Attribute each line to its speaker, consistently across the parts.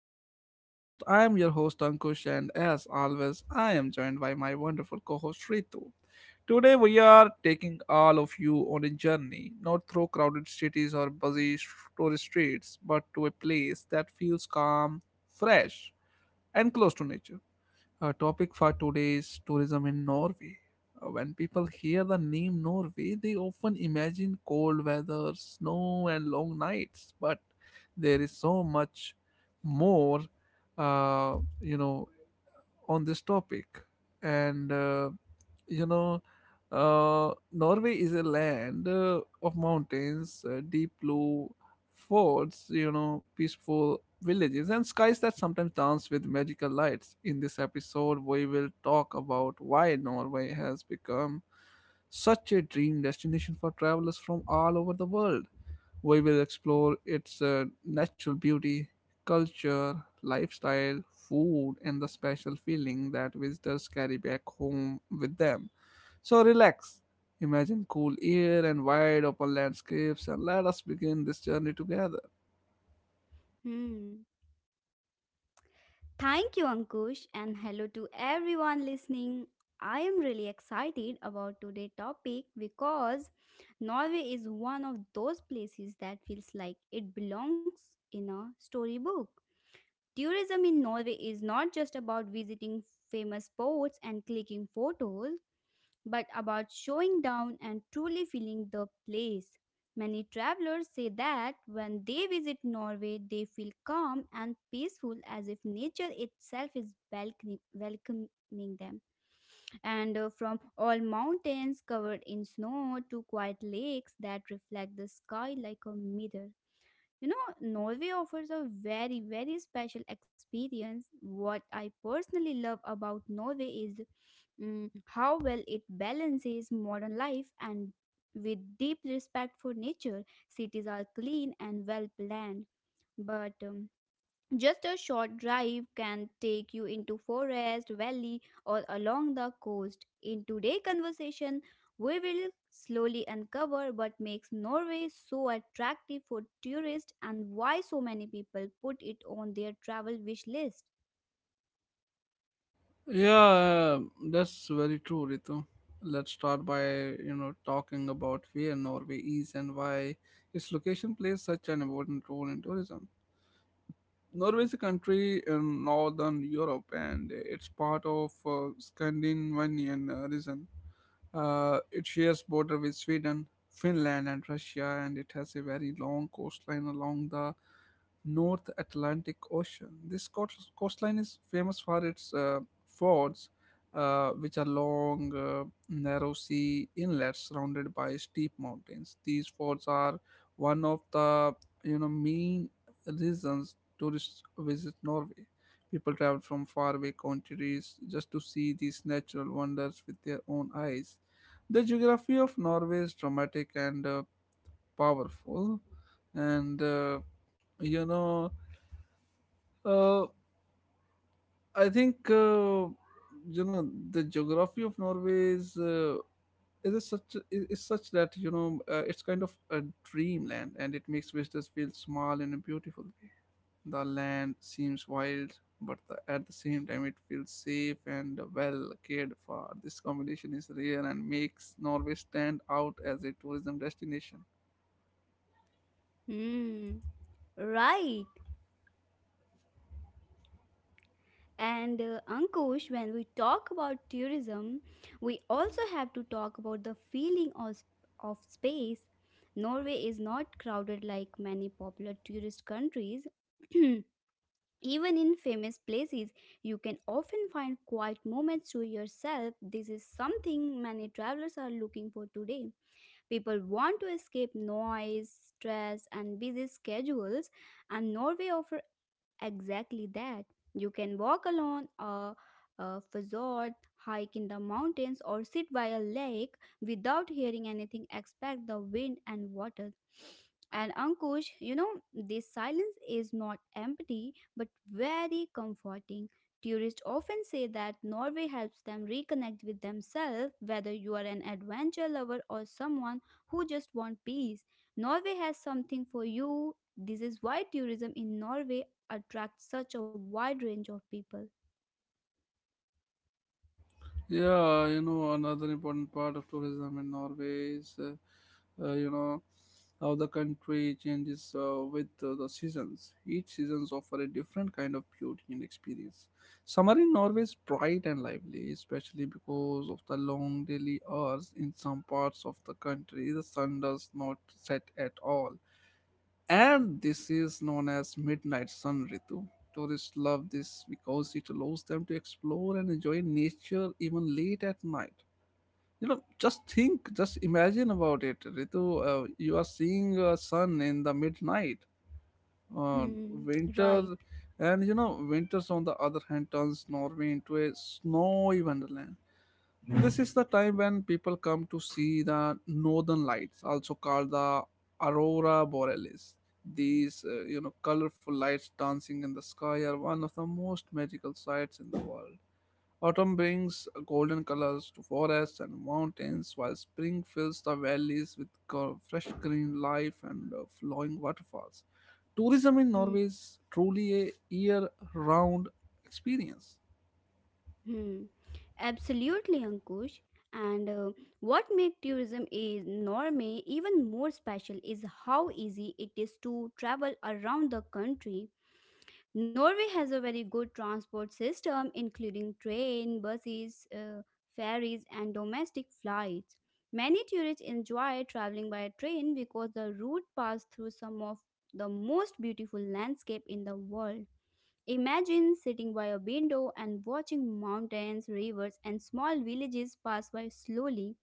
Speaker 1: to our podcast. I am your host Ankush, and as always, I am joined by my wonderful co host Ritu. Today, we are taking all of you on a journey, not through crowded cities or tourist streets, but to a place that feels calm, fresh, and close to nature. Our topic for today is tourism in Norway. When people hear the name Norway, they often imagine cold weather, snow, and long nights. But there is so much more, uh, you know, on this topic and you know norway is a land of mountains deep blue forts, you know, peaceful villages and skies that sometimes dance with magical lights. In this episode we will talk about why Norway has become such a dream destination for travelers from all over the world. We will explore its natural beauty, culture, lifestyle, food, and the special feeling that visitors carry back home with them. So relax, imagine cool air and wide open landscapes, and let us begin this journey together.
Speaker 2: Hmm. Thank you, Ankush, and hello to everyone listening. I am really excited about today's topic because Norway is one of those places that feels like it belongs in a storybook. Tourism in Norway is not just about visiting famous spots and clicking photos but about showing down and truly feeling the place. Many travelers say that when they visit Norway, they feel calm and peaceful as if nature itself is welcoming them. And From all mountains covered in snow to quiet lakes that reflect the sky like a mirror. You know, Norway offers a very, very special experience. What I personally love about Norway is how well it balances modern life and with deep respect for nature. Cities are clean and well planned, but just a short drive can take you into forest, valley, or along the coast. In today's conversation, we will slowly uncover what makes Norway so attractive for tourists and why so many people put it on their travel wish list.
Speaker 1: Yeah, that's very true, Ritu. Let's start by, you know, talking about where Norway is and why its location plays such an important role in tourism. Norway is a country in northern Europe and it's part of Scandinavian region. It shares border with Sweden, Finland, and Russia, and it has a very long coastline along the North Atlantic Ocean. This coastline is famous for its fords, which are long, narrow sea inlets surrounded by steep mountains. These fords are one of the, you know, main reasons tourists visit Norway. People travel from faraway countries just to see these natural wonders with their own eyes. The geography of Norway is dramatic and powerful, and uh, you know, uh, I think the geography of Norway is. It is such that, you know, it's kind of a dreamland and it makes visitors feel small in a beautiful way. The land seems wild, but at the same time, it feels safe and well cared for. This combination is rare and makes Norway stand out as a tourism destination.
Speaker 2: Hmm. Right. And Ankush, when we talk about tourism, we also have to talk about the feeling of space. Norway is not crowded like many popular tourist countries. Even in famous places, you can often find quiet moments to yourself. This is something many travelers are looking for today. People want to escape noise, stress, and busy schedules, and Norway offers exactly that. You can walk along a fjord, hike in the mountains, or sit by a lake without hearing anything except the wind and water. And Ankush, you know, this silence is not empty but very comforting. Tourists often say that Norway helps them reconnect with themselves, whether you are an adventure lover or someone who just wants peace. Norway has something for you. This is why tourism in Norway attract such a wide range of people.
Speaker 1: Yeah, you know, another important part of tourism in Norway is, uh, you know, how the country changes with the seasons. Each seasons offer a different kind of beauty and experience. Summer in Norway is bright and lively, especially because of the long daily hours in some parts of the country. The sun does not set at all, and this is known as midnight sun, Ritu. Tourists love this because it allows them to explore and enjoy nature even late at night. You know, just think, just imagine about it, Ritu. You are seeing a sun in the midnight,
Speaker 2: Hmm, right.
Speaker 1: winter, and you know, winters on the other hand turns Norway into a snowy wonderland. This is the time when people come to see the northern lights, also called the aurora borealis. These, you know, colorful lights dancing in the sky are one of the most magical sights in the world. Autumn brings golden colors to forests and mountains, while spring fills the valleys with fresh green life and flowing waterfalls. Tourism in
Speaker 2: Hmm,
Speaker 1: Norway is truly a year-round experience.
Speaker 2: hmm. Absolutely, Ankush. And What makes tourism is Norway even more special is how easy it is to travel around the country. Norway has a very good transport system, including train, buses, ferries, and domestic flights. Many tourists enjoy traveling by train because the route passes through some of the most beautiful landscape in the world. Imagine sitting by a window and watching mountains, rivers, and small villages pass by slowly.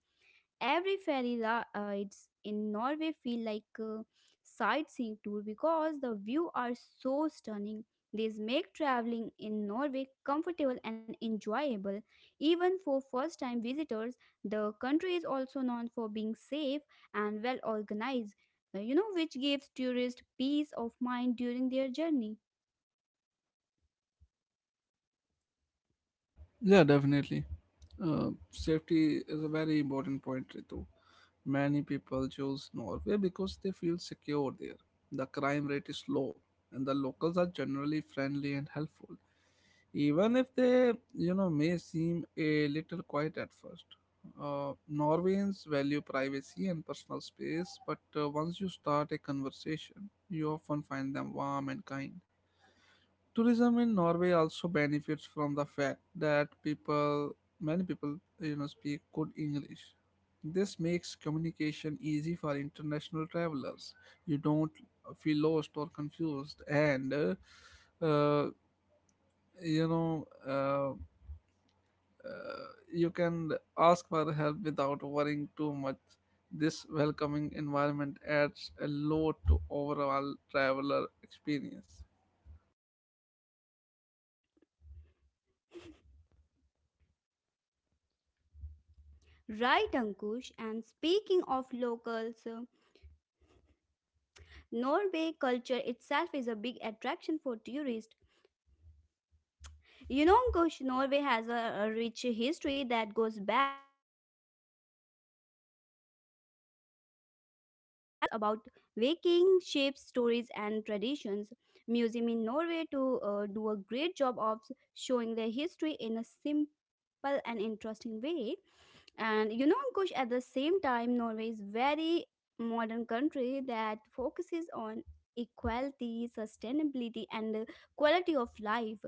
Speaker 2: Every rides in Norway feel like a sightseeing tour because the view are so stunning. These make traveling in Norway comfortable and enjoyable. Even for first time visitors, the country is also known for being safe and well organized, you know, which gives tourists peace of mind during their journey.
Speaker 1: Yeah, definitely. Safety is a very important point, Ritu. Many people choose Norway because they feel secure there. The crime rate is low, and the locals are generally friendly and helpful, even if they, you know, may seem a little quiet at first. Norwegians value privacy and personal space, but once you start a conversation, you often find them warm and kind. Tourism in Norway also benefits from the fact that people many people, you know, speak good English. This makes communication easy for international travelers. You don't feel lost or confused, and uh, you know uh, uh, you can ask for help without worrying too much. This welcoming environment adds a lot to overall traveler experience.
Speaker 2: Right, Ankush. And speaking of locals, Norway culture itself is a big attraction for tourists. You know, Kush, Norway has a rich history that goes back to the time of the Viking. Many tourists are curious about Viking shapes, stories, and traditions. Museum in Norway to do a great job of showing their history in a simple and interesting way. And you know, Ankush, at the same time, Norway is very modern country that focuses on equality, sustainability, and quality of life.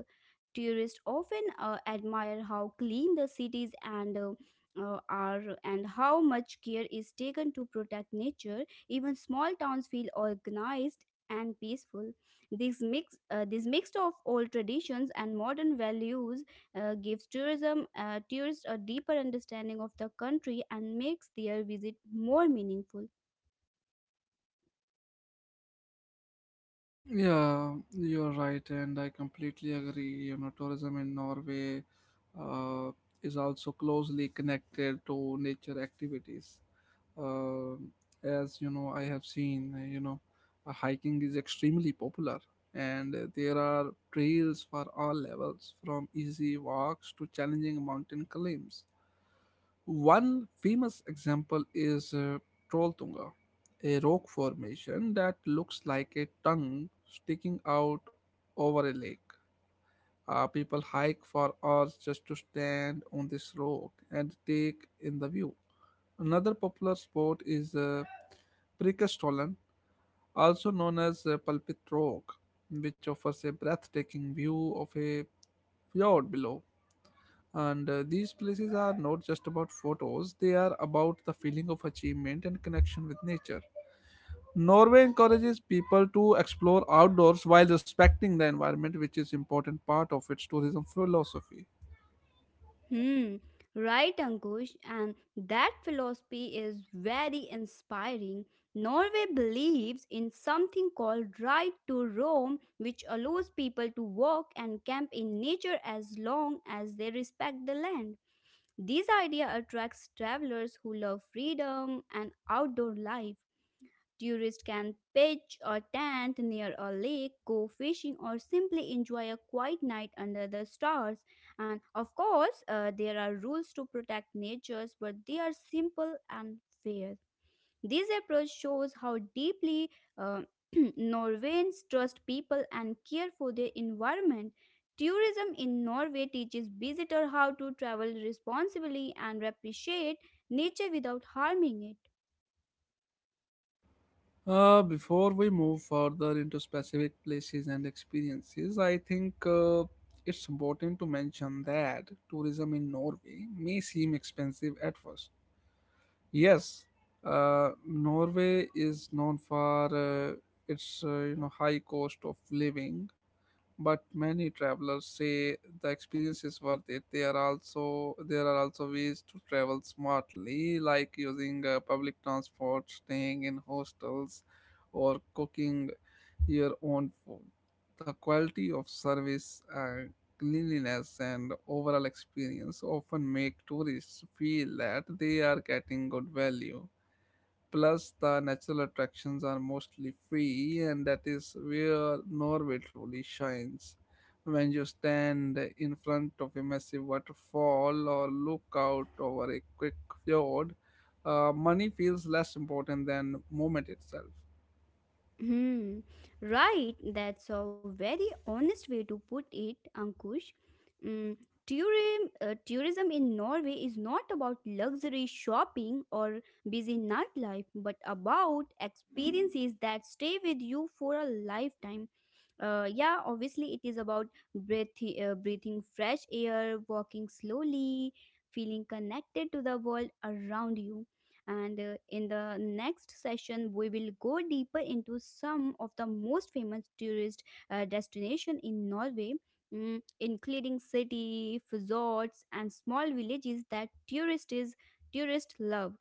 Speaker 2: Tourists often admire how clean the cities and are and how much care is taken to protect nature. Even small towns feel organized and peaceful. This mix of old traditions and modern values gives tourism tourists a deeper understanding of the country and makes their visit more meaningful.
Speaker 1: Yeah, you're right, and I completely agree. You know, tourism in Norway uh, is also closely connected to nature activities. Um, as you know, I have seen, hiking is extremely popular, and there are trails for all levels, from easy walks to challenging mountain climbs. One famous example is Trolltunga, a rock formation that looks like a tongue sticking out over a lake. People hike for hours just to stand on this rock and take in the view. Another popular spot is Prikastolan, also known as Pulpit Rock, which offers a breathtaking view of a fjord below. And these places are not just about photos. They are about the feeling of achievement and connection with nature. Norway encourages people to explore outdoors while respecting the environment, which is important part of its tourism philosophy.
Speaker 2: Hmm, right, Ankush, and that philosophy is very inspiring. Norway believes in something called right to roam, which allows people to walk and camp in nature as long as they respect the land. This idea attracts travelers who love freedom and outdoor life. Tourists can pitch a tent near a lake, go fishing, or simply enjoy a quiet night under the stars. And of course, there are rules to protect natures, but they are simple and fair. This approach shows how deeply uh, Norwegians trust people and care for their environment. Tourism in Norway teaches visitors how to travel responsibly and appreciate nature without harming it.
Speaker 1: Before we move further into specific places and experiences, I think it's important to mention that tourism in Norway may seem expensive at first. Yes, Norway is known for its, you know, high cost of living, but many travelers say the experience is worth it. There are also ways to travel smartly, like using public transport, staying in hostels, or cooking your own food. The quality of service, cleanliness and overall experience often make tourists feel that they are getting good value. Plus, the natural attractions are mostly free, and that is where Norway truly shines. When you stand in front of a massive waterfall or look out over a quick fjord, money feels less important than moment itself.
Speaker 2: Hmm. Right. That's a very honest way to put it, Ankush. Mm, tourism in Norway is not about luxury shopping or busy nightlife, but about experiences that stay with you for a lifetime. Yeah, obviously it is about breath, breathing fresh air, walking slowly, feeling connected to the world around you. And In the next session we will go deeper into some of the most famous tourist destination in Norway, mm, including city resorts and small villages that tourists love,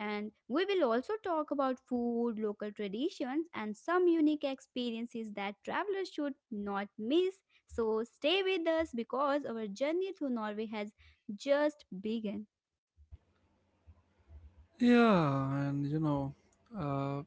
Speaker 2: and we will also talk about food, local traditions, and some unique experiences that travelers should not miss. So stay with us because our journey through Norway has just begun.
Speaker 1: Yeah, and you know, uh,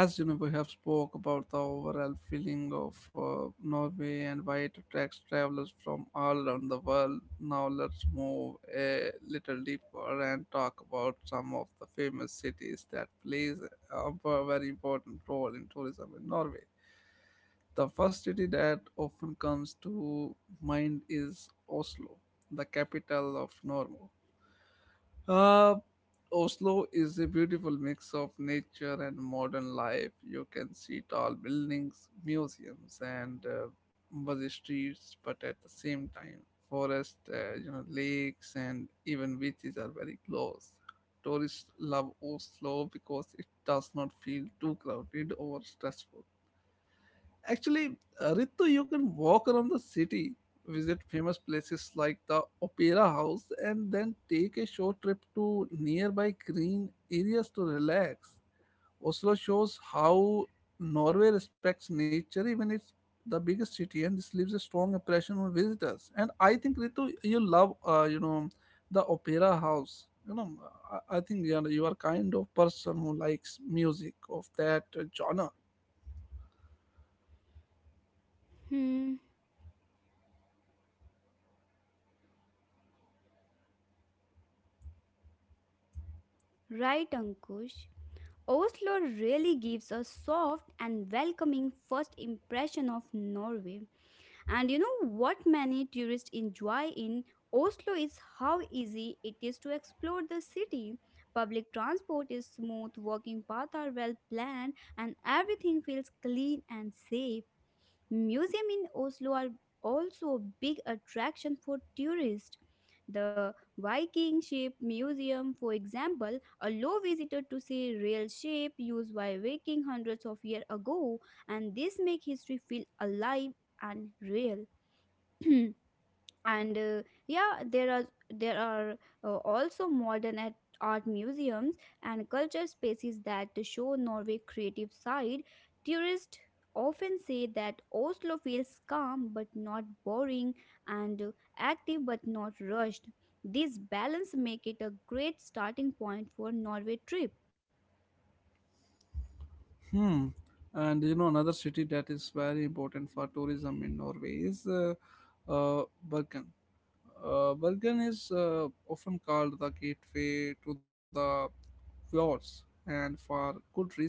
Speaker 1: as you know, we have spoke about the overall feeling of Norway and why it attracts travelers from all around the world. Now let's move a little deeper and talk about some of the famous cities that plays a very important role in tourism in Norway. The first city that often comes to mind is Oslo, the capital of Norway. Uh, Oslo is a beautiful mix of nature and modern life. You can see tall buildings, museums, and busy streets, but at the same time, forests, you know, lakes, and even beaches are very close. Tourists love Oslo because it does not feel too crowded or stressful. Actually, Ritu, you can walk around the city, visit famous places like the Opera House, and then take a short trip to nearby green areas to relax. Oslo shows how Norway respects nature, even it's the biggest city, and this leaves a strong impression on visitors. And I think Ritu, you love, you know, the Opera House. You know, I think you are kind of person who likes music of that genre.
Speaker 2: Hmm, right, Ankush. Oslo really gives a soft and welcoming first impression of Norway. And you know what many tourists enjoy in Oslo is how easy it is to explore the city. Public transport is smooth, walking paths are well planned, and everything feels clean and safe. Museum in Oslo are also a big attraction for tourists. The Viking Ship Museum, for example, a low visitor to see real ship used by Viking hundreds of years ago, and this make history feel alive and real. And yeah, there are also modern at art museums and culture spaces that show Norway creative side. Tourists often say that Oslo feels calm but not boring, and active but not rushed. This balance make it a great starting point for Norway trip.
Speaker 1: Hmm. And you know, another city that is very important for tourism in Norway is Bergen. Bergen is often called the gateway to the fjords, and for good reason.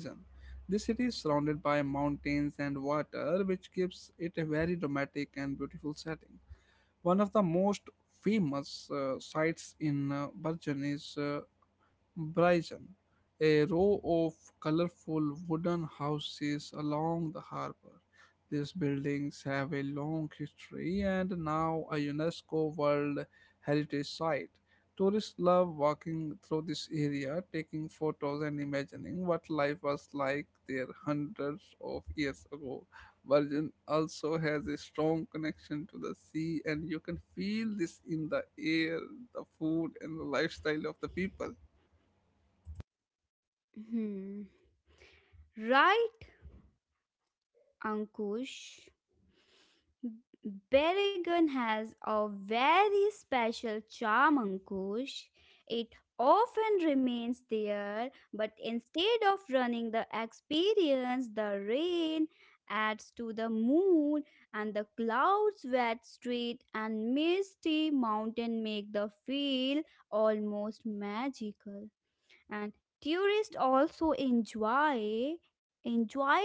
Speaker 1: This city is surrounded by mountains and water, which gives it a very dramatic and beautiful setting. One of the most famous sites in Bergen is Bryson, a row of colorful wooden houses along the harbor. These buildings have a long history and now a UNESCO World Heritage Site. Tourists love walking through this area, taking photos and imagining what life was like there hundreds of years ago. Virgin also has a strong connection to the sea, and you can feel this in the air, the food, and the lifestyle of the people.
Speaker 2: Hmm. Right, Ankush. Berrigan has a very special charm, Ankush. It often remains there, but instead of running the experience, the rain adds to the mood, and the clouds, wet street, and misty mountain make the feel almost magical. And tourists also enjoy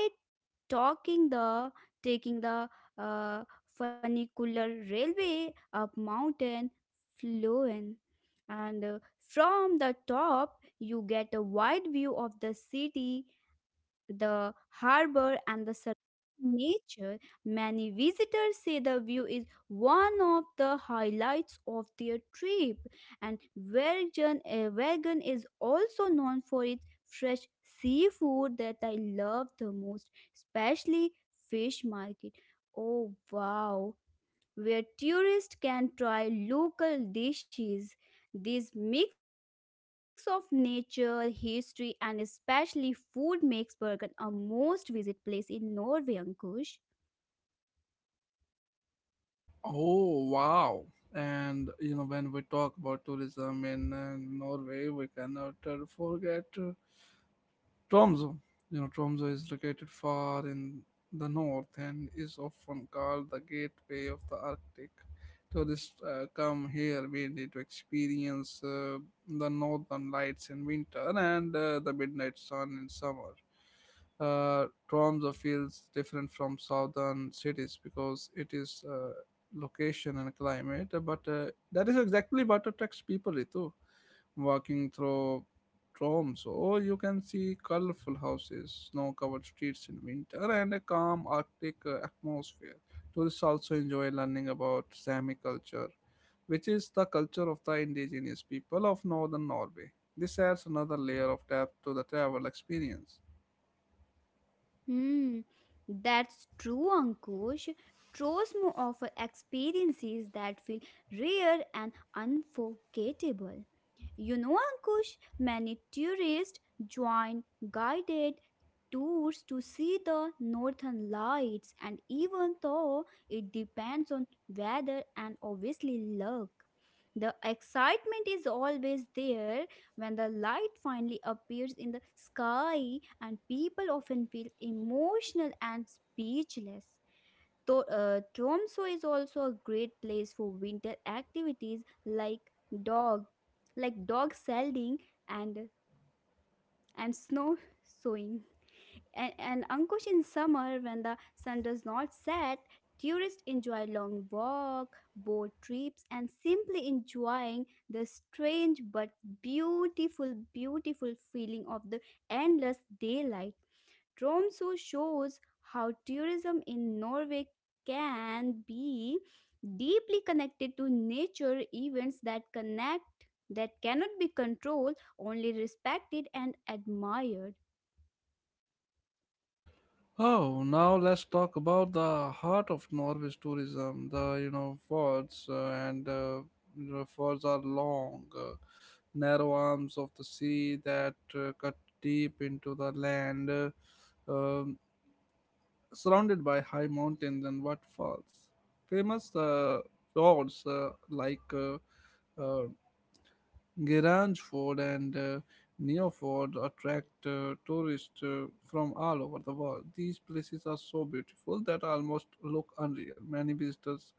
Speaker 2: talking the taking the uh, funicular railway up mountain fluent. And from the top you get a wide view of the city, the harbor, and the surrounding nature. Many visitors say the view is one of the highlights of their trip. And Vergen is also known for its fresh seafood that I love the most, especially fish market. Oh wow! Where tourists can try local dishes. This mix of nature, history, and especially food makes Bergen a most visit place in Norway, Ankush.
Speaker 1: Oh wow! And you know, when we talk about tourism in Norway, we cannot forget Tromso. You know, Tromso is located far in the north and is often called the gateway of the Arctic. Tourists come here mainly to experience the northern lights in winter and the midnight sun in summer. Tromso feels different from southern cities because it is location and climate, but that is exactly what attracts people, Ritu. Walking through Troms, or you can see colorful houses, snow covered streets in winter, and a calm Arctic atmosphere. Tourists also enjoy learning about Sami culture, which is the culture of the indigenous people of northern Norway. This adds another layer of depth to the travel experience.
Speaker 2: Hmm, that's true, Ankush. Trosmo offer experiences that feel rare and unforgettable. You know, Ankush, many tourists join guided tours to see the northern lights, and even though it depends on weather and obviously luck, the excitement is always there when the light finally appears in the sky, and people often feel emotional and speechless. Tromso is also a great place for winter activities like dog, dog sledding and snow sewing. And Ankush, in summer, when the sun does not set, tourists enjoy long walk, boat trips, and simply enjoying the strange but beautiful feeling of the endless daylight. Tromso shows how tourism in Norway can be deeply connected to nature events that connect that cannot be controlled, only respected and admired.
Speaker 1: Oh, now let's talk about the heart of Norway's tourism: the, you know, fords. And You know, fords are long, narrow arms of the sea that cut deep into the land, um, surrounded by high mountains and waterfalls. Famous fjords like um, Grange Fort and Neo attract tourists from all over the world. These places are so beautiful that almost look unreal. Many visitors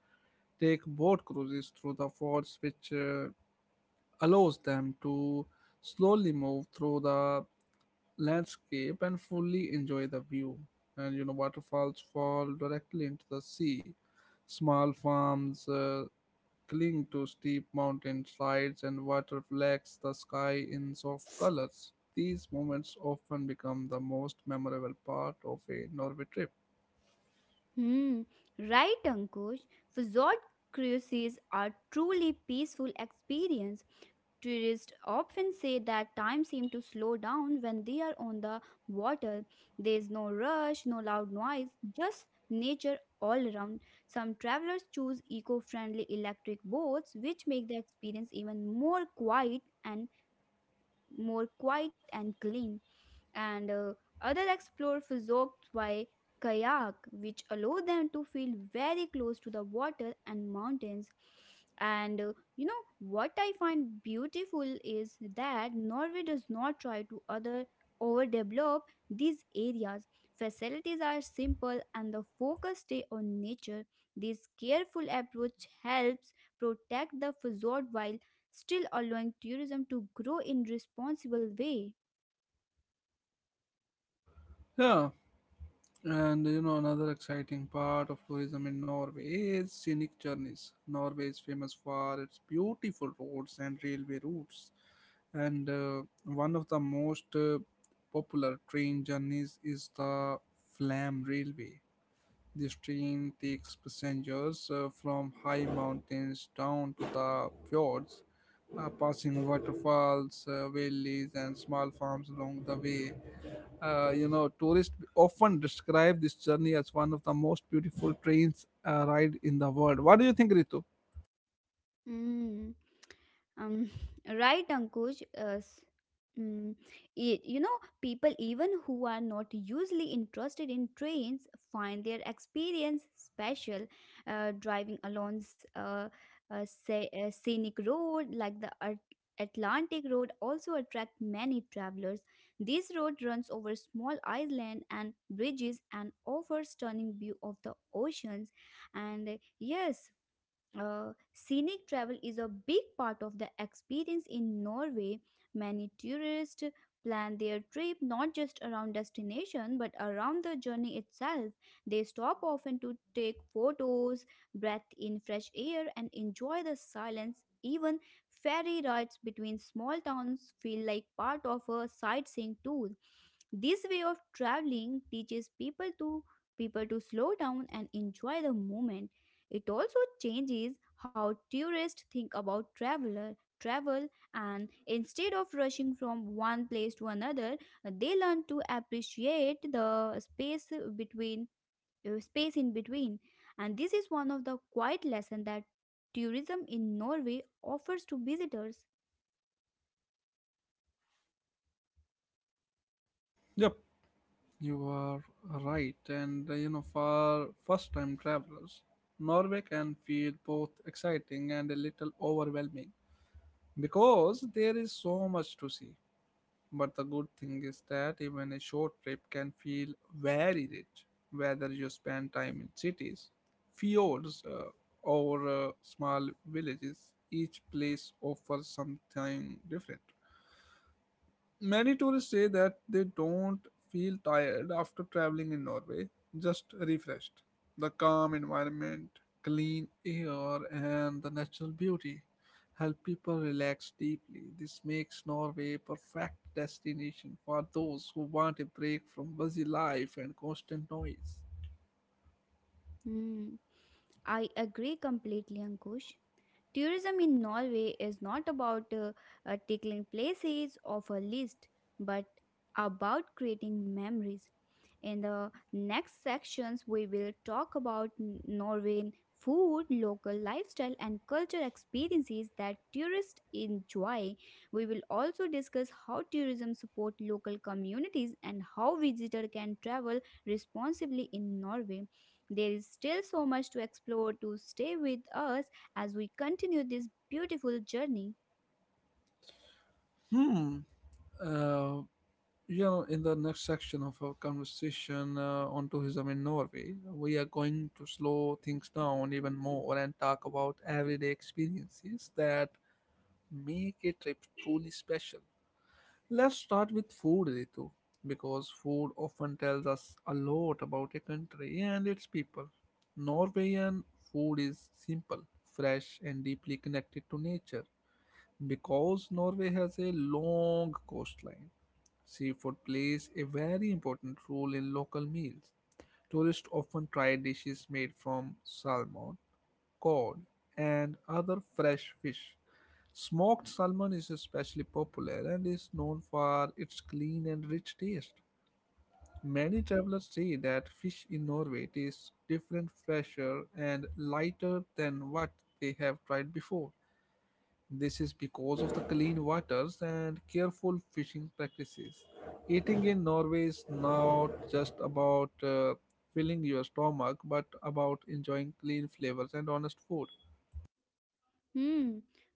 Speaker 1: take boat cruises through the forts, which allows them to slowly move through the landscape and fully enjoy the view. Waterfalls fall directly into the sea. Small farms, cling to steep mountain sides and water flecks the sky in soft colors. These moments often become the most memorable part of a Norway trip.
Speaker 2: Hmm, right, Ankush. Resort cruises are truly peaceful experience. Tourists often say that time seems to slow down when they are on the water. There is no rush, no loud noise, just nature all around. Some travelers choose eco-friendly electric boats, which make the experience even more quiet and clean, and others explore fjords by kayak, which allow them to feel very close to the water and mountains. And you know what I find beautiful is that Norway does not try to other overdevelop these areas. Facilities are simple and the focus stay on nature. This careful approach helps protect the fjord while still allowing tourism to grow in responsible way.
Speaker 1: Yeah, and another exciting part of tourism in Norway is scenic journeys. Norway is famous for its beautiful roads and railway routes, and one of the most popular train journeys is the Flam Railway. This train takes passengers from high mountains down to the fjords, passing waterfalls, valleys, and small farms along the way. Tourists often describe this journey as one of the most beautiful trains ride in the world. What do you think, Ritu?
Speaker 2: Mm. Um, right, Ankush. Mm, you know, people even who are not usually interested in trains find their experience special. Driving along a scenic road like the Atlantic Road also attract many travelers. This road runs over small island and bridges and offers stunning view of the oceans. And uh, yes, Scenic travel is a big part of the experience in Norway. Many tourists plan their trip not just around destination but around the journey itself. They stop often to take photos, breathe in fresh air, and enjoy the silence. Even ferry rides between small towns feel like part of a sightseeing tour. This way of traveling teaches people to slow down and enjoy the moment. It also changes how tourists think about travel, and instead of rushing from one place to another, they learn to appreciate the between space in between. And this is one of the quiet lesson that tourism in Norway offers to visitors.
Speaker 1: Yep, you are right. And for first time travelers, Norway can feel both exciting and a little overwhelming because there is so much to see. But the good thing is that even a short trip can feel very rich, whether you spend time in cities, fjords, or small villages. Each place offers something different. Many tourists say that they don't feel tired after traveling in Norway, just refreshed. The calm environment, clean air, and the natural beauty help people relax deeply. This makes Norway a perfect destination for those who want a break from busy life and constant noise.
Speaker 2: Hmm. I agree completely, Ankush. Tourism in Norway is not about tickling places off a list, but about creating memories. In the next sections, we will talk about Norwegian food, local lifestyle, and cultural experiences that tourists enjoy. We will also discuss how tourism supports local communities and how visitors can travel responsibly in Norway. There is still so much to explore, to stay with us as we continue this beautiful journey.
Speaker 1: Hmm. Uh, in the next section of our conversation on tourism in Norway, we are going to slow things down even more and talk about everyday experiences that make a trip truly special. Let's start with food, Ritu, because food often tells us a lot about a country and its people. Norwegian food is simple, fresh, and deeply connected to nature. Because Norway has a long coastline, seafood plays a very important role in local meals. Tourists often try dishes made from salmon, cod, and other fresh fish. Smoked salmon is especially popular and is known for its clean and rich taste. Many travelers say that fish in Norway tastes different, fresher, and lighter than what they have tried before. This is because of the clean waters and careful fishing practices. Eating in Norway is not just about filling your stomach, but about enjoying clean flavors and honest food.
Speaker 2: Hmm,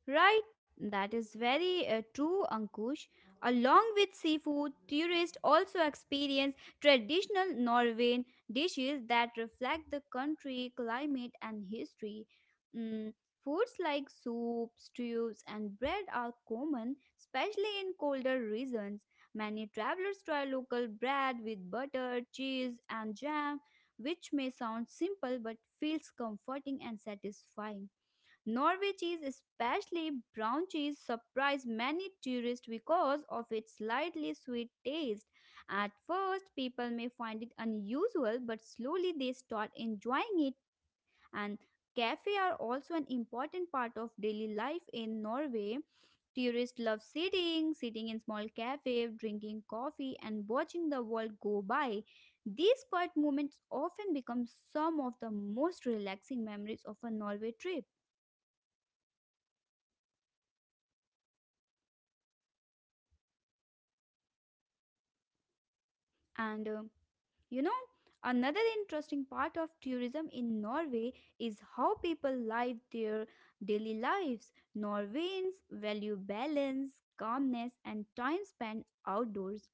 Speaker 2: right. That is very true, Ankush. Along with seafood, tourists also experience traditional Norwegian dishes that reflect the country, climate, and history. Mm, Foods like soup, stews, and bread are common, especially in colder regions. Many travelers try local bread with butter, cheese, and jam, which may sound simple but feels comforting and satisfying. Norway cheese, especially brown cheese, surprised many tourists because of its slightly sweet taste. At first, people may find it unusual, but slowly they start enjoying it. And cafes are also an important part of daily life in Norway. Tourists love sitting in small cafes, drinking coffee, and watching the world go by. These quiet moments often become some of the most relaxing memories of a Norway trip. And uh, You know, Another interesting part of tourism in Norway is how people live their daily lives. Norwegians value balance, calmness, and time spent outdoors,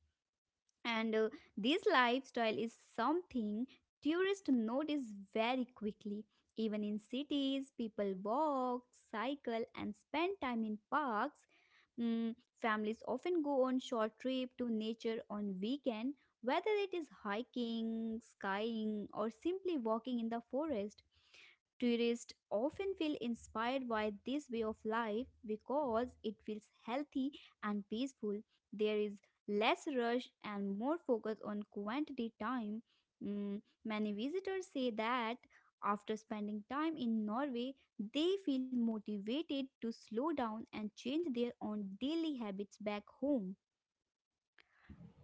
Speaker 2: and this lifestyle is something tourists notice very quickly. Even in cities, people walk, cycle, and spend time in parks. Families often go on short trip to nature on weekend, whether it is hiking, skiing, or simply walking in the forest. Tourists often feel inspired by this way of life because it feels healthy and peaceful. There is less rush and more focus on quantity time. Many visitors say that after spending time in Norway, they feel motivated to slow down and change their own daily habits back home.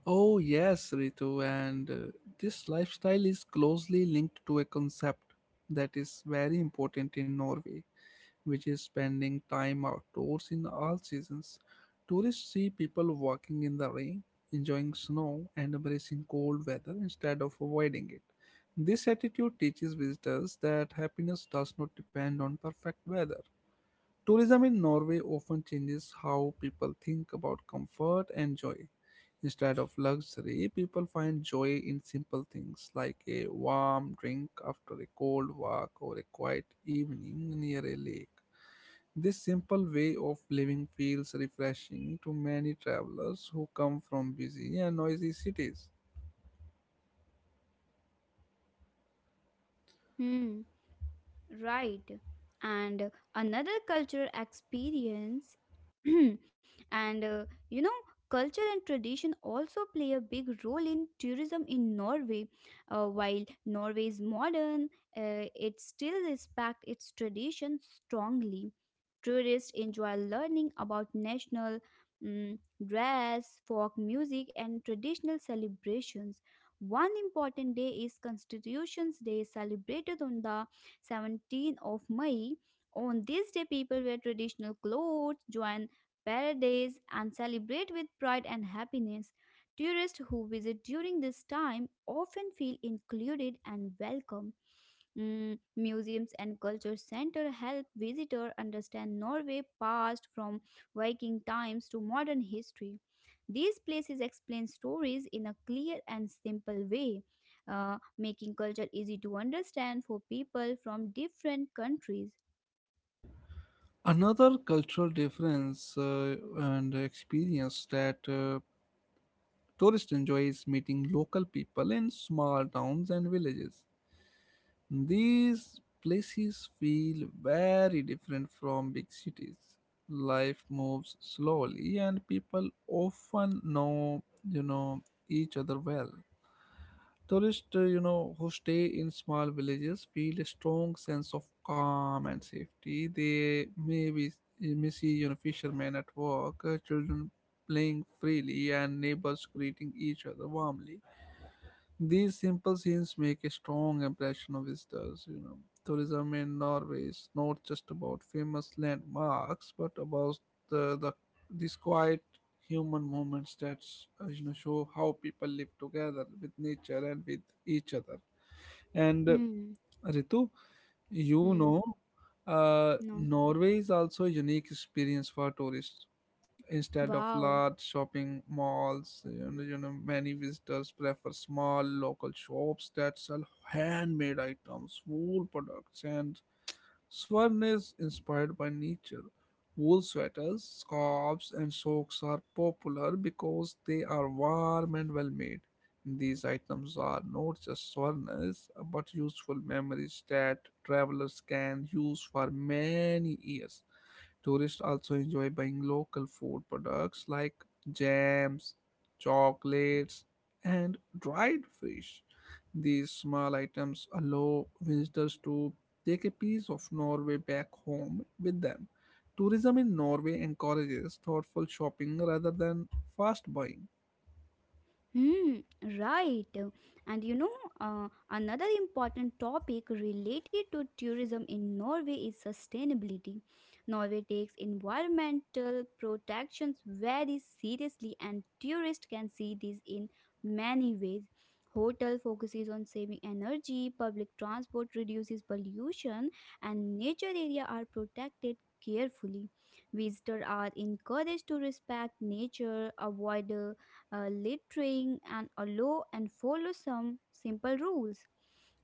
Speaker 1: Oh, yes, Ritu, and this lifestyle is closely linked to a concept that is very important in Norway which is spending time outdoors in all seasons. Tourists see people walking in the rain, enjoying snow, and embracing cold weather instead of avoiding it. This attitude teaches visitors that happiness does not depend on perfect weather. Tourism in Norway often changes how people think about comfort and joy. Instead of luxury, people find joy in simple things like a warm drink after a cold walk or a quiet evening near a lake. This simple way of living feels refreshing to many travelers who come from busy and noisy cities.
Speaker 2: Hmm. Right. And another cultural experience, and uh, you know, culture and tradition also play a big role in tourism in Norway. While Norway is modern, it still respects its tradition strongly. Tourists enjoy learning about national mm, dress, folk music, and traditional celebrations. One important day is Constitution's Day, celebrated on the 17th of May. On this day, people wear traditional clothes, join parades, and celebrate with pride and happiness. Tourists who visit during this time often feel included and welcome. Museums and culture center help visitor understand Norway past from Viking times to modern history. These places explain stories in a clear and simple way, making culture easy to understand for people from different countries.
Speaker 1: Another cultural difference and experience that tourists enjoy is meeting local people in small towns and villages. These places feel very different from big cities. Life moves slowly and people often know, you know, each other well. Tourists, who stay in small villages feel a strong sense of calm and safety. They may be, you may see, you know, fishermen at work, children playing freely, and neighbors greeting each other warmly. These simple scenes make a strong impression on visitors. You know, tourism in Norway is not just about famous landmarks, but about the, the these quiet human moments that show how people live together with nature and with each other. And
Speaker 2: Hmm.
Speaker 1: Ritu, you
Speaker 2: Hmm.
Speaker 1: know,
Speaker 2: No.
Speaker 1: Norway is also a unique experience for tourists. Instead of
Speaker 2: Wow.
Speaker 1: large shopping malls, you know, many visitors prefer small local shops that sell handmade items, wool products, and Swern is inspired by nature. Wool sweaters, scarves, and socks are popular because they are warm and well made. These items are not just souvenirs but useful memories that travelers can use for many years. Tourists also enjoy buying local food products like jams, chocolates, and dried fish. These small items allow visitors to take a piece of Norway back home with them. Tourism in Norway encourages thoughtful shopping rather than fast buying.
Speaker 2: Hmm, right. And you know, Another important topic related to tourism in Norway is sustainability. Norway takes environmental protections very seriously, and tourists can see this in many ways. Hotel focuses on saving energy, public transport reduces pollution, and nature area are protected carefully. Visitors are encouraged to respect nature, avoid littering, and allow and follow some simple rules.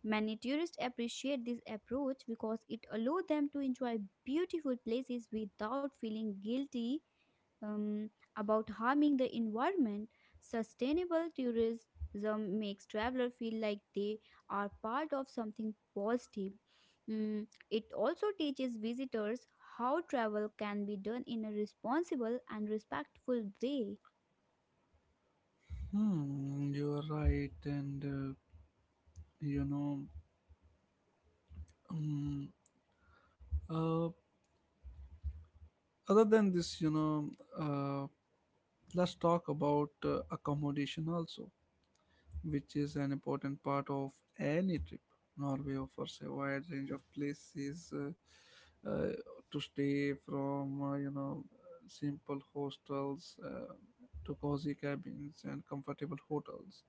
Speaker 2: Many tourists appreciate this approach because it allows them to enjoy beautiful places without feeling guilty um, about harming the environment. Sustainable tourism makes travelers feel like they are part of something positive. Mm, it also teaches visitors how travel can be done in a responsible and respectful way.
Speaker 1: Hmm, you are right, and you know, um, uh, other than this, uh, let's talk about accommodation also which is an important part of any trip. Norway offers a wide range of places to stay, from simple hostels to cozy cabins and comfortable hotels.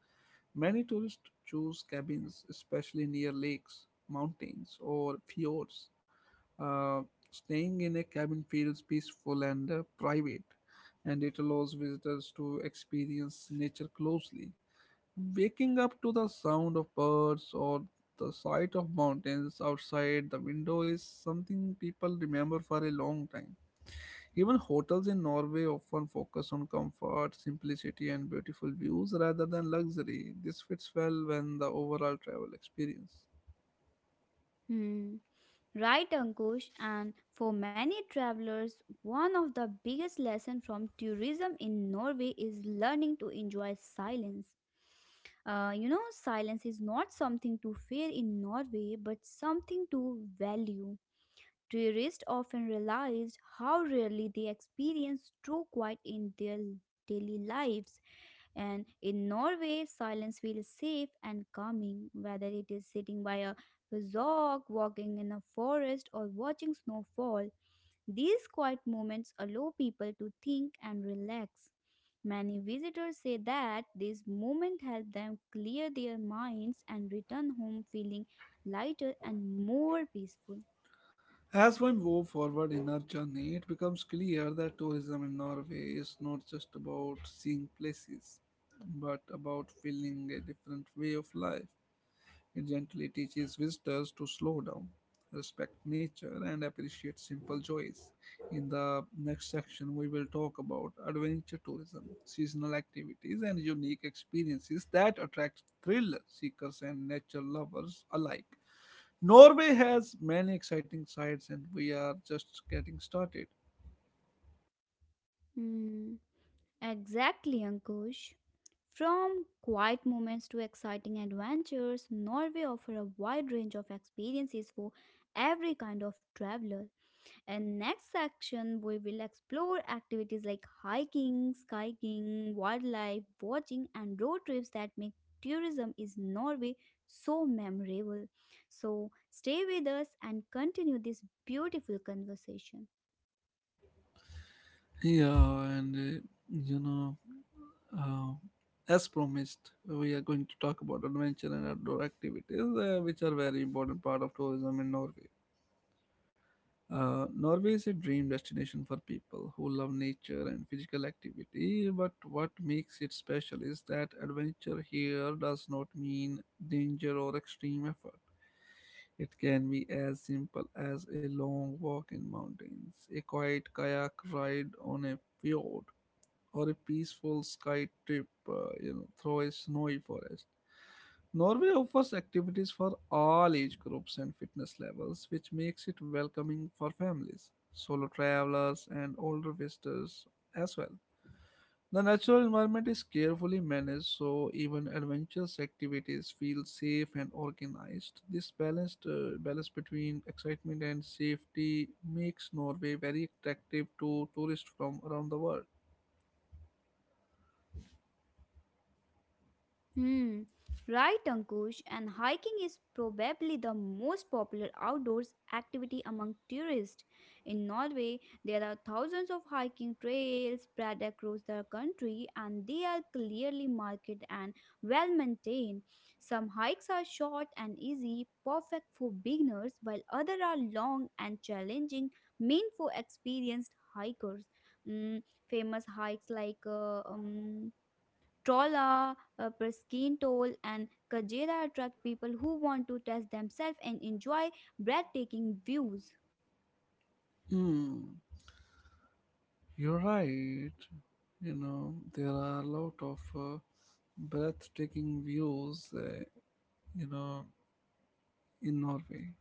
Speaker 1: Many tourists choose cabins, especially near lakes, mountains, or fjords. Uh, Staying in a cabin feels peaceful and private, and it allows visitors to experience nature closely. Waking up to the sound of birds or the sight of mountains outside the window is something people remember for a long time. Even hotels in Norway often focus on comfort, simplicity, and beautiful views rather than luxury. This fits well when the overall travel experience.
Speaker 2: Hmm. Right, Ankush, and for many travelers, one of the biggest lessons from tourism in Norway is learning to enjoy silence. Silence is not something to fear in Norway, but something to value. Tourists often realize how rarely they experience true quiet in their daily lives. And in Norway, silence feels safe and calming, whether it is sitting by a bazaar, walking in a forest, or watching snow fall. These quiet moments allow people to think and relax. Many visitors say that this moment helped them clear their minds and return home feeling lighter and more peaceful.
Speaker 1: As we move forward in our journey, it becomes clear that tourism in Norway is not just about seeing places, but about feeling a different way of life. It gently teaches visitors to slow down, respect nature, and appreciate simple joys. In the next section, we will talk about adventure tourism, seasonal activities, and unique experiences that attract thrill seekers and nature lovers alike. Norway has many exciting sites, and we are just getting started.
Speaker 2: Hmm. Exactly, Ankush. From quiet moments to exciting adventures, Norway offers a wide range of experiences for every kind of traveler. And next section, we will explore activities like hiking, skiing, wildlife watching, and road trips that make tourism is Norway so memorable. So stay with us and continue this beautiful conversation.
Speaker 1: Yeah, and you know. Uh, as promised, we are going to talk about adventure and outdoor activities, which are very important part of tourism in Norway. Norway is a dream destination for people who love nature and physical activity, but what makes it special is that adventure here does not mean danger or extreme effort. It can be as simple as a long walk in mountains, a quiet kayak ride on a fjord, or a peaceful sky trip through a snowy forest. Norway offers activities for all age groups and fitness levels, which makes it welcoming for families, solo travelers, and older visitors as well. The natural environment is carefully managed so even adventurous activities feel safe and organized. This balance between excitement and safety makes Norway very attractive to tourists from around the world.
Speaker 2: Hmm, right, Ankush. And hiking is probably the most popular outdoors activity among tourists. In Norway, there are thousands of hiking trails spread across the country, and they are clearly marked and well maintained. Some hikes are short and easy, perfect for beginners, while others are long and challenging, meant for experienced hikers. Mm, Famous hikes like Trolla, Priskin Toll, and Kajera attract people who want to test themselves and enjoy breathtaking views.
Speaker 1: Hmm. You're right. There are a lot of breathtaking views, you know, in Norway.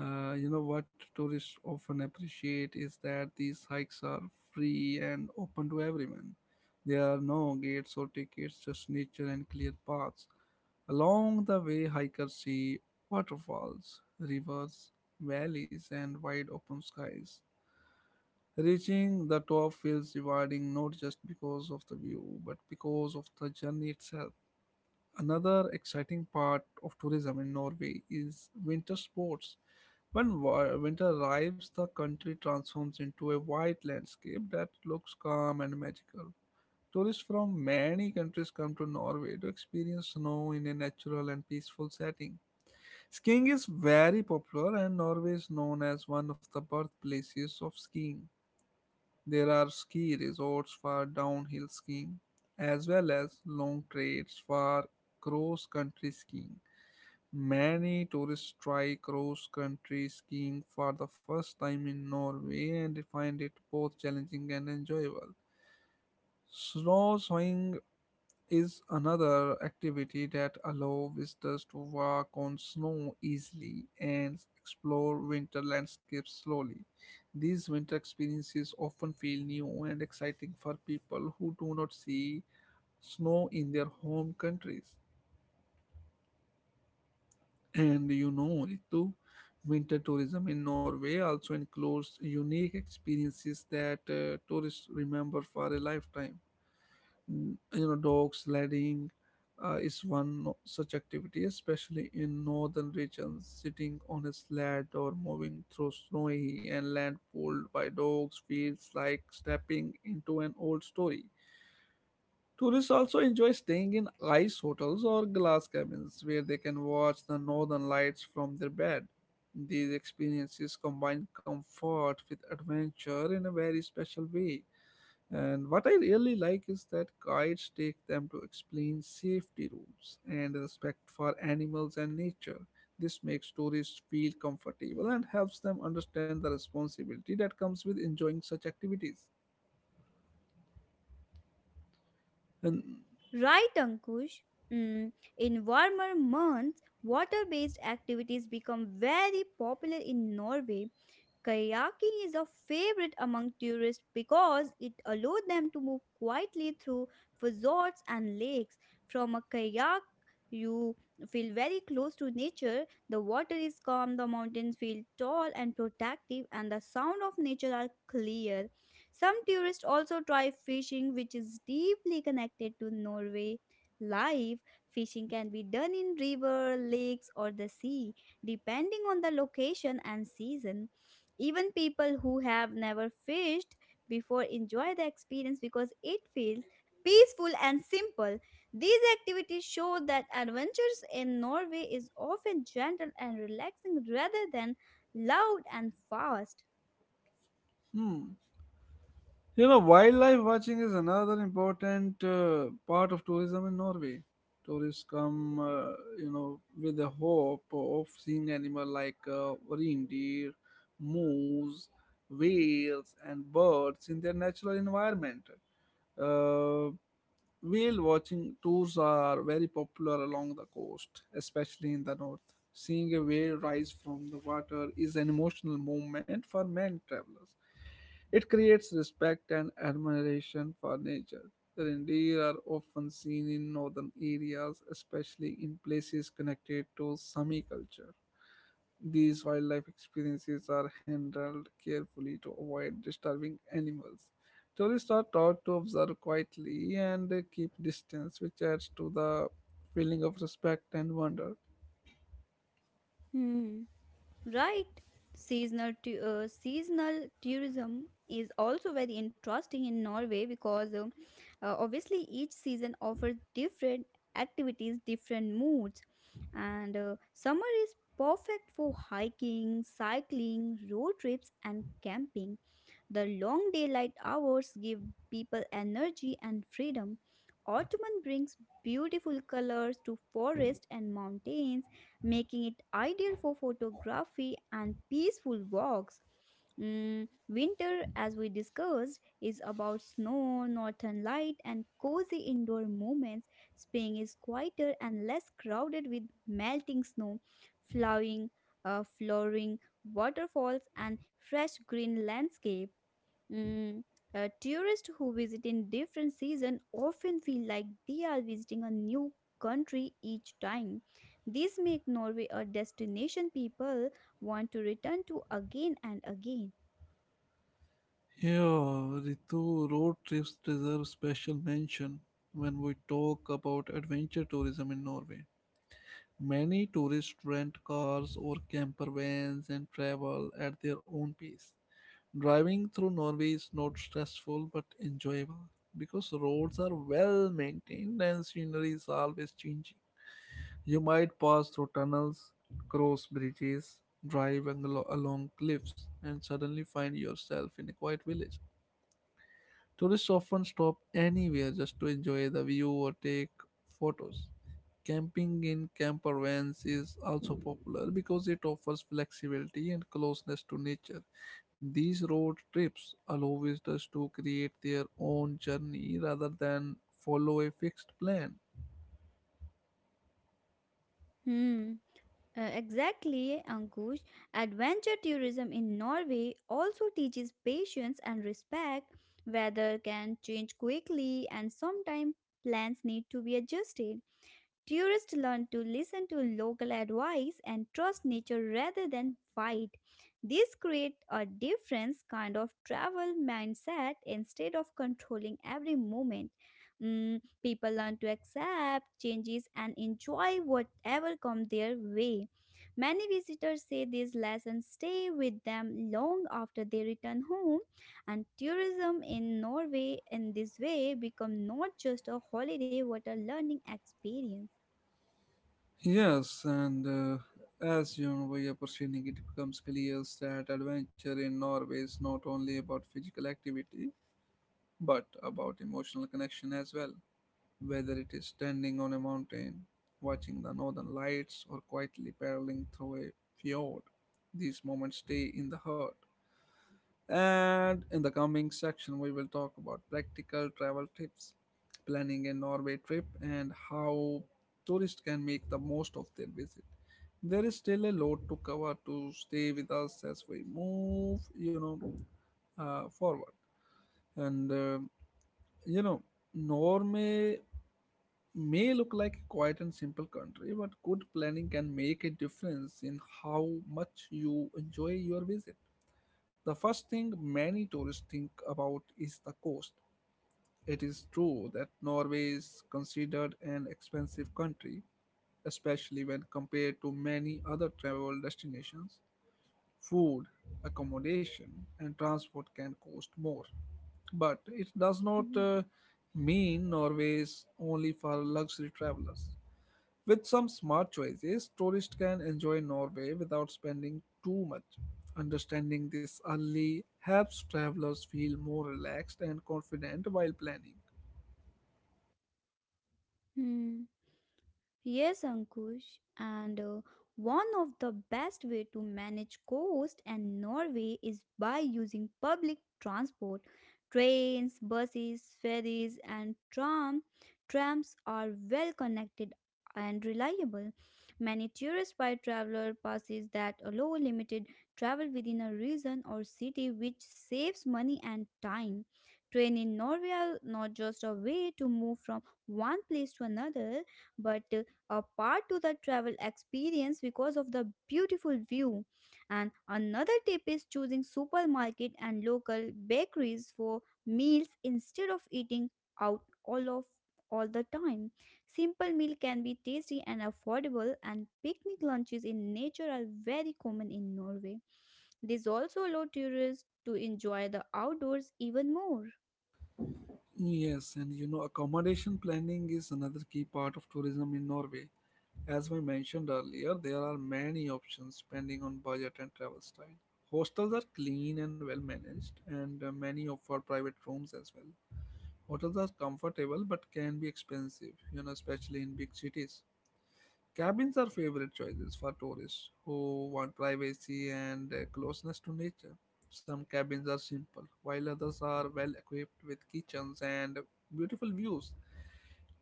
Speaker 1: What tourists often appreciate is that these hikes are free and open to everyone. There are no gates or tickets, just nature and clear paths. Along the way, hikers see waterfalls, rivers, valleys, and wide open skies. Reaching the top feels rewarding not just because of the view, but because of the journey itself. Another exciting part of tourism in Norway is winter sports. When winter arrives, the country transforms into a white landscape that looks calm and magical. Tourists from many countries come to Norway to experience snow in a natural and peaceful setting. Skiing is very popular, and Norway is known as one of the birthplaces of skiing. There are ski resorts for downhill skiing as well as long trails for cross country skiing. Many tourists try cross country skiing for the first time in Norway and they find it both challenging and enjoyable. Snowshoeing is another activity that allow visitors to walk on snow easily and explore winter landscapes slowly. These winter experiences often feel new and exciting for people who do not see snow in their home countries. And you know, Ritu, winter tourism in Norway also includes unique experiences that tourists remember for a lifetime. Mm, you know dog sledding is one such activity, especially in northern regions. Sitting on a sled or moving through snowy and land pulled by dogs feels like stepping into an old story. Tourists also enjoy staying in ice hotels or glass cabins where they can watch the northern lights from their bed. These experiences combine comfort with adventure in a very special way, and what I really like is that guides take them to explain safety rules and respect for animals and nature. This makes tourists feel comfortable and helps them understand the responsibility that comes with enjoying such activities. And
Speaker 2: Right, Ankush? Mm, in warmer months, water based activities become very popular in Norway. Kayaking is a favorite among tourists because it allows them to move quietly through fjords and lakes. From a kayak, you feel very close to nature. The water is calm, the mountains feel tall and protective, and the sound of nature are clear. Some tourists also try fishing, which is deeply connected to Norway life. Fishing can be done in river, lakes, or the sea, depending on the location and season. Even people who have never fished before enjoy the experience because it feels peaceful and simple. These activities show that adventures in Norway is often gentle and relaxing rather than loud and fast.
Speaker 1: hmm, you know, wildlife watching is another important part of tourism in Norway. Tourists come, with the hope of seeing animal like reindeer, moose, whales, and birds in their natural environment. Uh, Whale watching tours are very popular along the coast, especially in the north. Seeing a whale rise from the water is an emotional moment for many travelers. It creates respect and admiration for nature. Reindeer are often seen in northern areas, especially in places connected to Sami culture. These wildlife experiences are handled carefully to avoid disturbing animals. Tourists are taught to observe quietly and keep distance, which adds to the feeling of respect and wonder.
Speaker 2: Hmm. Right. Seasonal tourism is also very interesting in Norway because obviously each season offers different activities, different moods, and summer is perfect for hiking, cycling, road trips, and camping. The long daylight hours give people energy and freedom. Autumn brings beautiful colors to forests and mountains, making it ideal for photography and peaceful walks. Winter, as we discussed, is about snow, northern light, and cozy indoor moments. Spring is quieter and less crowded with melting snow, flowing, flowering waterfalls, and fresh green landscapes. Mm, Tourists who visit in different season often feel like they are visiting a new country each time. This makes Norway a destination people want to return to again and again.
Speaker 1: Yeah, Ritu, road trips deserve special mention when we talk about adventure tourism in Norway. Many tourists rent cars or camper vans and travel at their own pace. Driving through Norway is not stressful but enjoyable because roads are well maintained and scenery is always changing. You might pass through tunnels, cross bridges, drive along cliffs, and suddenly find yourself in a quiet village. Tourists often stop anywhere just to enjoy the view or take photos. Camping in camper vans is also popular because it offers flexibility and closeness to nature. These road trips allow visitors to create their own journey rather than follow a fixed plan.
Speaker 2: Hmm. Exactly, Ankush. Adventure tourism in Norway also teaches patience and respect. Weather can change quickly, and sometimes plans need to be adjusted. Tourists learn to listen to local advice and trust nature rather than fight. This creates a different kind of travel mindset instead of controlling every moment. People learn to accept changes and enjoy whatever comes their way. Many visitors say these lessons stay with them long after they return home, and tourism in Norway in this way become not just a holiday but a learning experience.
Speaker 1: Yes, and as you know, by are proceeding, it becomes clear that adventure in Norway is not only about physical activity but about emotional connection as well. Whether it is standing on a mountain, watching the northern lights, or quietly paddling through a fjord, these moments stay in the heart. And in the coming section, we will talk about practical travel tips, planning a Norway trip, and how tourists can make the most of their visit. There is still a lot to cover to stay with us as we move, forward. And uh, you know, Norway may look like a quiet and simple country, but good planning can make a difference in how much you enjoy your visit. The first thing many tourists think about is the cost. It is true that Norway is considered an expensive country, especially when compared to many other travel destinations. Food, accommodation, and transport can cost more. But it does not
Speaker 2: 嗯
Speaker 1: uh, mean Norway is only for luxury travelers. With some smart choices, tourists can enjoy Norway without spending too much. Understanding this early helps travelers feel more relaxed and confident while planning.
Speaker 2: 嗯。Yes, Ankush, and one of the best way to manage cost in Norway is by using public transport. Trains, buses, ferries, and trams are well connected and reliable. Many tourist by traveler passes that allow limited travel within a region or city, which saves money and time. Train in Norway are not just a way to move from one place to another, but a part to the travel experience because of the beautiful view. And another tip is choosing supermarket and local bakeries for meals instead of eating out all the time. Simple meal can be tasty and affordable and picnic lunches in nature are very common in Norway. This also allow tourists to enjoy the outdoors even more.
Speaker 1: Yes, and you know, accommodation planning is another key part of tourism in Norway. As we mentioned earlier, there are many options depending on budget and travel style. Hostels are clean and well managed, and many offer private rooms as well. Hotels are comfortable but can be expensive, you know, especially in big cities. Cabins are favorite choices for tourists who want privacy and closeness to nature. Some cabins are simple, while others are well equipped with kitchens and beautiful views.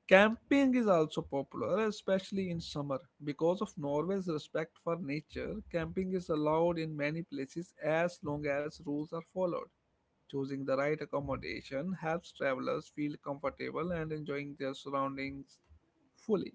Speaker 1: Camping is also popular, especially in summer. Because of Norway's respect for nature, camping is allowed in many places as long as rules are followed. Choosing the right accommodation helps travelers feel comfortable and enjoying their surroundings fully.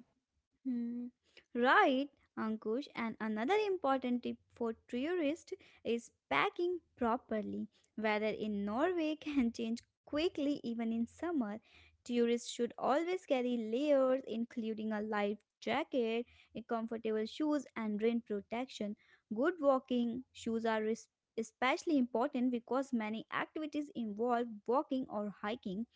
Speaker 2: Hmm. Right, Ankush. And another important tip for tourists is packing properly. Weather in Norway can change quickly even in summer. Tourists should always carry layers, including a light jacket, a comfortable shoes, and rain protection. Good walking shoes are especially important because many activities involve walking or hiking.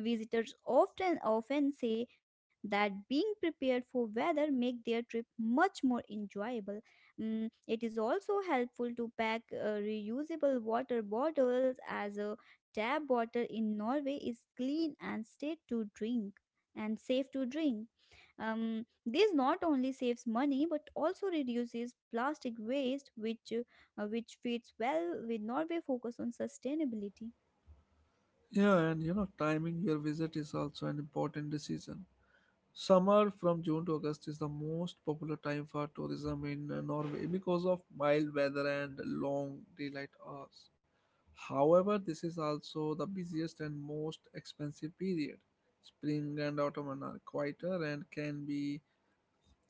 Speaker 2: Visitors often say that being prepared for weather make their trip much more enjoyable. It is also helpful to pack reusable water bottles as a tap water in Norway is clean and safe to drink. This not only saves money but also reduces plastic waste, which fits well with Norway focus on sustainability.
Speaker 1: Yeah, and you know, timing your visit is also an important decision. Summer from June to August is the most popular time for tourism in Norway because of mild weather and long daylight hours. However, this is also the busiest and most expensive period. Spring and autumn are quieter and can be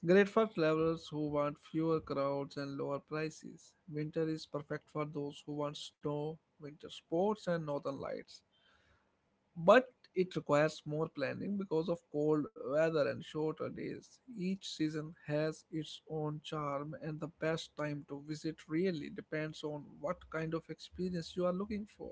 Speaker 1: great for travelers who want fewer crowds and lower prices. Winter is perfect for those who want snow, winter sports, and northern lights but it requires more planning because of cold weather and shorter days. Each season has its own charm, and the best time to visit really depends on what kind of experience you are looking for.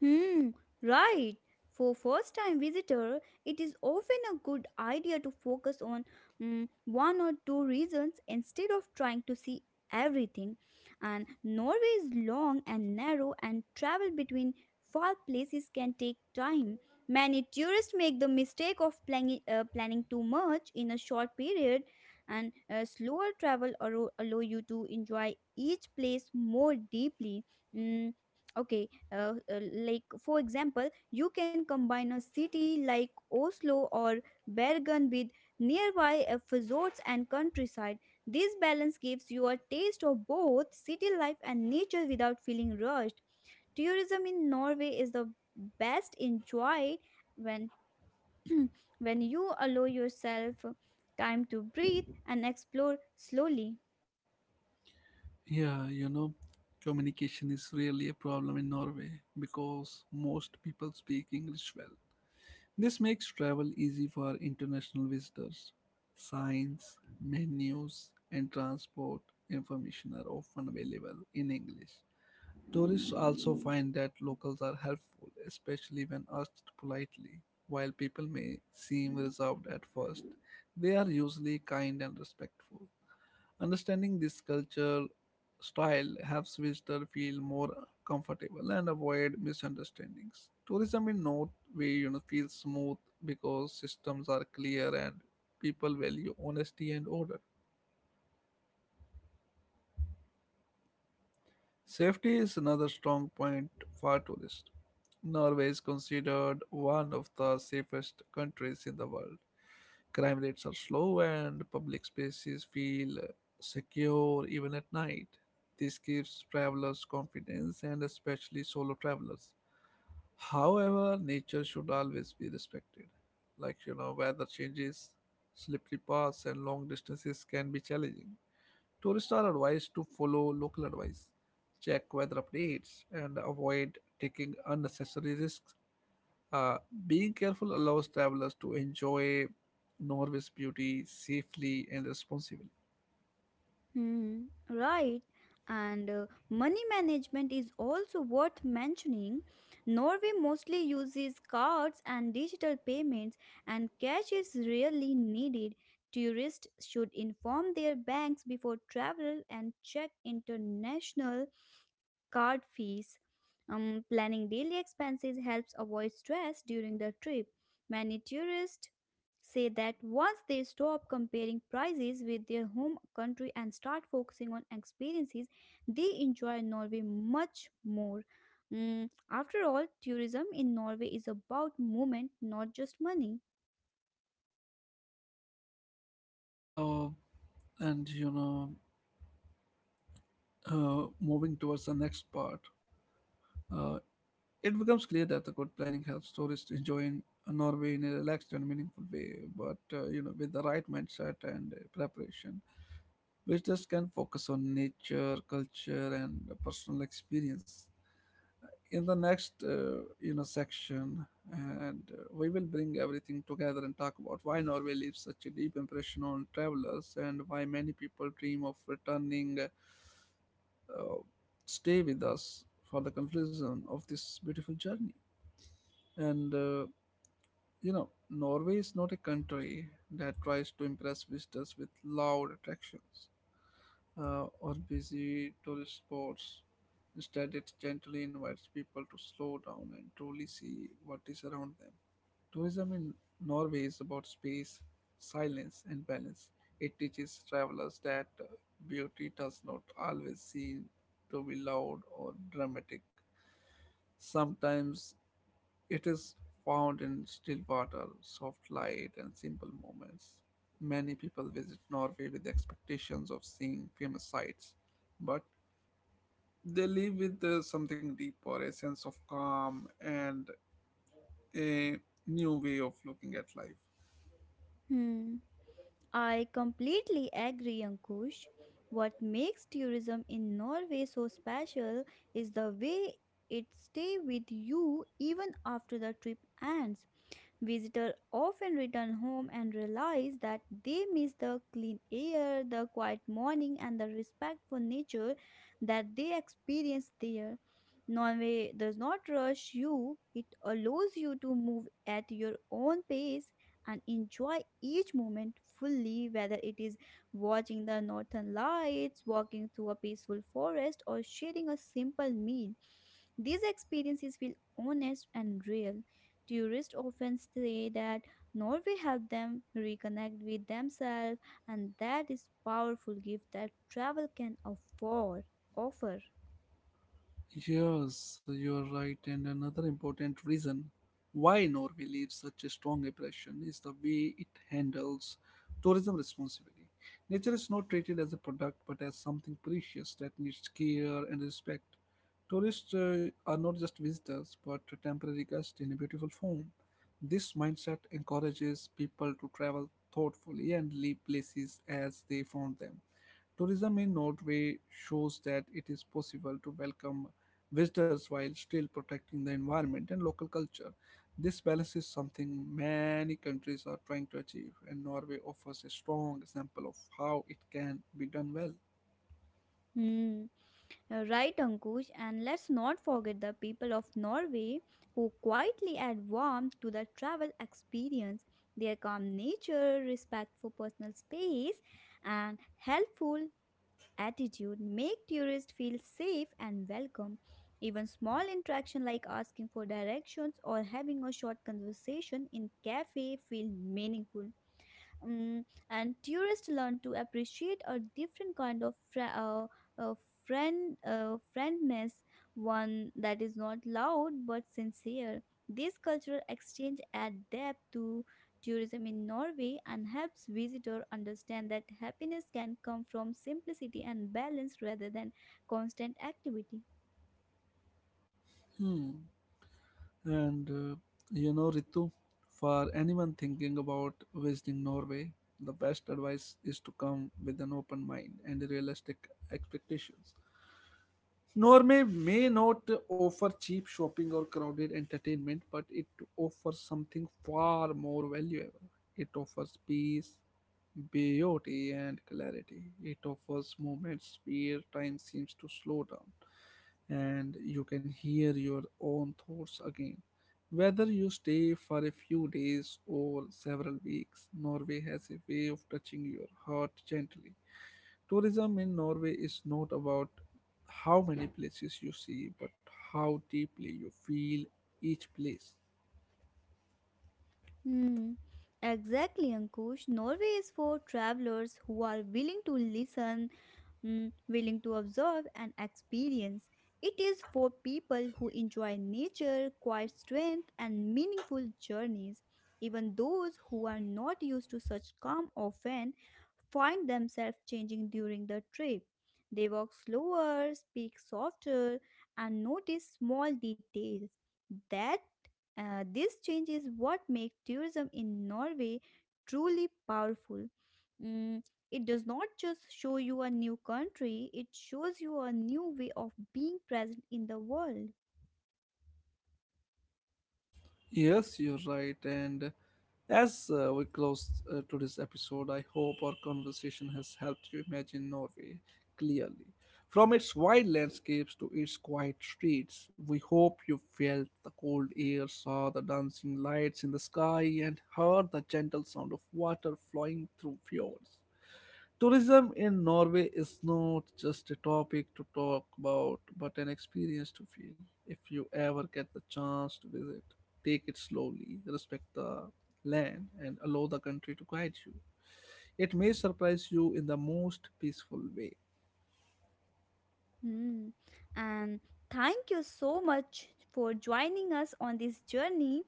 Speaker 2: Hmm, right. For first time visitor, it is often a good idea to focus on one or two reasons instead of trying to see everything. And Norway is long and narrow and travel between far places can take time. Many tourists make the mistake of planning too much in a short period and slower travel allow you to enjoy each place more deeply. Mm, okay uh, like, for example, you can combine a city like Oslo or Bergen with nearby resorts and countryside. This balance gives you a taste of both city life and nature without feeling rushed. Tourism in Norway is the best enjoyed when when you allow yourself time to breathe and explore slowly.
Speaker 1: Yeah, you know, communication is really a problem in Norway because most people speak English well. This makes travel easy for international visitors. Signs, menus, and transport information are often available in English. Tourists also find that locals are helpful, especially when asked politely. While people may seem reserved at first, they are usually kind and respectful. Understanding this culture style helps visitors feel more comfortable and avoid misunderstandings. Tourism in North way you know feels smooth because systems are clear and people value honesty and order. Safety is another strong point for tourists. Norway is considered one of the safest countries in the world. Crime rates are slow and public spaces feel secure even at night. This gives travelers confidence and especially solo travelers. However, nature should always be respected. Like, you know, weather changes, slippery paths, and long distances can be challenging. Tourists are advised to follow local advice, check weather updates, and avoid taking unnecessary risks. Uh, Being careful allows travelers to enjoy Norway's beauty safely and responsibly.
Speaker 2: Hmm, right. And money management is also worth mentioning. Norway mostly uses cards and digital payments, and cash is rarely needed. Tourists should inform their banks before travel and check international card fees. Planning daily expenses helps avoid stress during the trip. Many tourists say that once they stop comparing prices with their home country and start focusing on experiences, they enjoy Norway much more. After all, tourism in Norway is about movement, not just money.
Speaker 1: Uh, and you know, moving towards the next part, uh, it becomes clear that the good planning helps tourists enjoy Norway in a relaxed and meaningful way. But you know, with the right mindset and preparation, visitors can focus on nature, culture, and personal experience. In the next, you know, section, and we will bring everything together and talk about why Norway leaves such a deep impression on travelers and why many people dream of returning. Uh, Stay with us for the conclusion of this beautiful journey. And uh, Norway is not a country that tries to impress visitors with loud attractions, or busy tourist spots. Instead, it gently invites people to slow down and truly see what is around them. Tourism in Norway is about space, silence, and balance. It teaches travelers that beauty does not always seem to be loud or dramatic. Sometimes it is found in still water, soft light, and simple moments. Many people visit Norway with the expectations of seeing famous sights, but they leave with something deeper, a sense of calm, and a new way of looking at life.
Speaker 2: Hmm. I completely agree, Ankush. What makes tourism in Norway so special is the way it stays with you even after the trip ends. Visitors often return home and realize that they miss the clean air, the quiet morning, and the respect for nature that they experience there. Norway does not rush you, it allows you to move at your own pace and enjoy each moment fully, whether it is watching the northern lights, walking through a peaceful forest, or sharing a simple meal. These experiences feel honest and real. Tourists often say that Norway helped them reconnect with themselves, and that is powerful gift that travel can afford offer.
Speaker 1: Yes, you're right. And another important reason why Norway leaves such a strong impression is the way it handles tourism responsibly. Nature is not treated as a product but as something precious that needs care and respect. Tourists are not just visitors but temporary guests in a beautiful form. This mindset encourages people to travel thoughtfully and leave places as they found them. Tourism in Norway shows that it is possible to welcome visitors while still protecting the environment and local culture. This balance is something many countries are trying to achieve, and Norway offers a strong example of how it can be done well.
Speaker 2: Hmm, you right, Ankush. And let's not forget the people of Norway who quietly add warmth to the travel experience. Their calm nature, respect for personal space, and helpful attitude make tourists feel safe and welcome even small interaction like asking for directions or having a short conversation in cafe feel meaningful. Mm, and tourists learn to appreciate a different kind of uh, friendness, one that is not loud but sincere. This cultural exchange adds depth to tourism in Norway and helps visitors understand that happiness can come from simplicity and balance rather than constant activity.
Speaker 1: Hmm. And uh, Ritu, for anyone thinking about visiting Norway, the best advice is to come with an open mind and realistic expectations. Norway may not offer cheap shopping or crowded entertainment, but it offers something far more valuable. It offers peace, beauty, and clarity. It offers moments where time seems to slow down and you can hear your own thoughts again. Whether you stay for a few days or several weeks, Norway has a way of touching your heart gently. Tourism in Norway is not about how many places you see, but how deeply you feel each place.
Speaker 2: Hmm. Exactly, Ankush. Norway is for travelers who are willing to listen, willing to observe and experience. It is for people who enjoy nature, quiet strength, and meaningful journeys. Even those who are not used to such calm often find themselves changing during the trip. They walk slower, speak softer, and notice small details. That this change is what makes tourism in Norway truly powerful. Mm, it does not just show you a new country, it shows you a new way of being present in the world.
Speaker 1: Yes, you're right. And as we close today's episode, I hope our conversation has helped you imagine Norway clearly. From its wide landscapes to its quiet streets, we hope you felt the cold air, saw the dancing lights in the sky, and heard the gentle sound of water flowing through fjords. Tourism in Norway is not just a topic to talk about, but an experience to feel. If you ever get the chance to visit, take it slowly, respect the land, and allow the country to guide you. It may surprise you in the most peaceful way.
Speaker 2: Hmm. And thank you so much for joining us on this journey.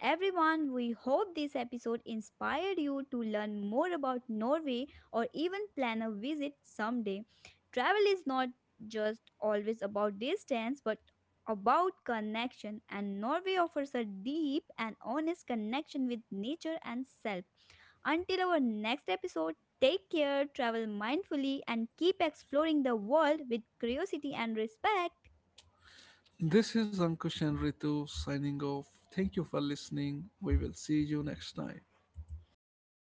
Speaker 2: Everyone, we hope this episode inspired you to learn more about Norway or even plan a visit someday. Travel is not just always about distance, but about connection, and Norway offers a deep and honest connection with nature and self. Until our next episode, take care, travel mindfully, and keep exploring the world with curiosity and respect.
Speaker 1: This is Ankush and Ritu signing off. Thank you for listening. We will see you next time.
Speaker 2: Thank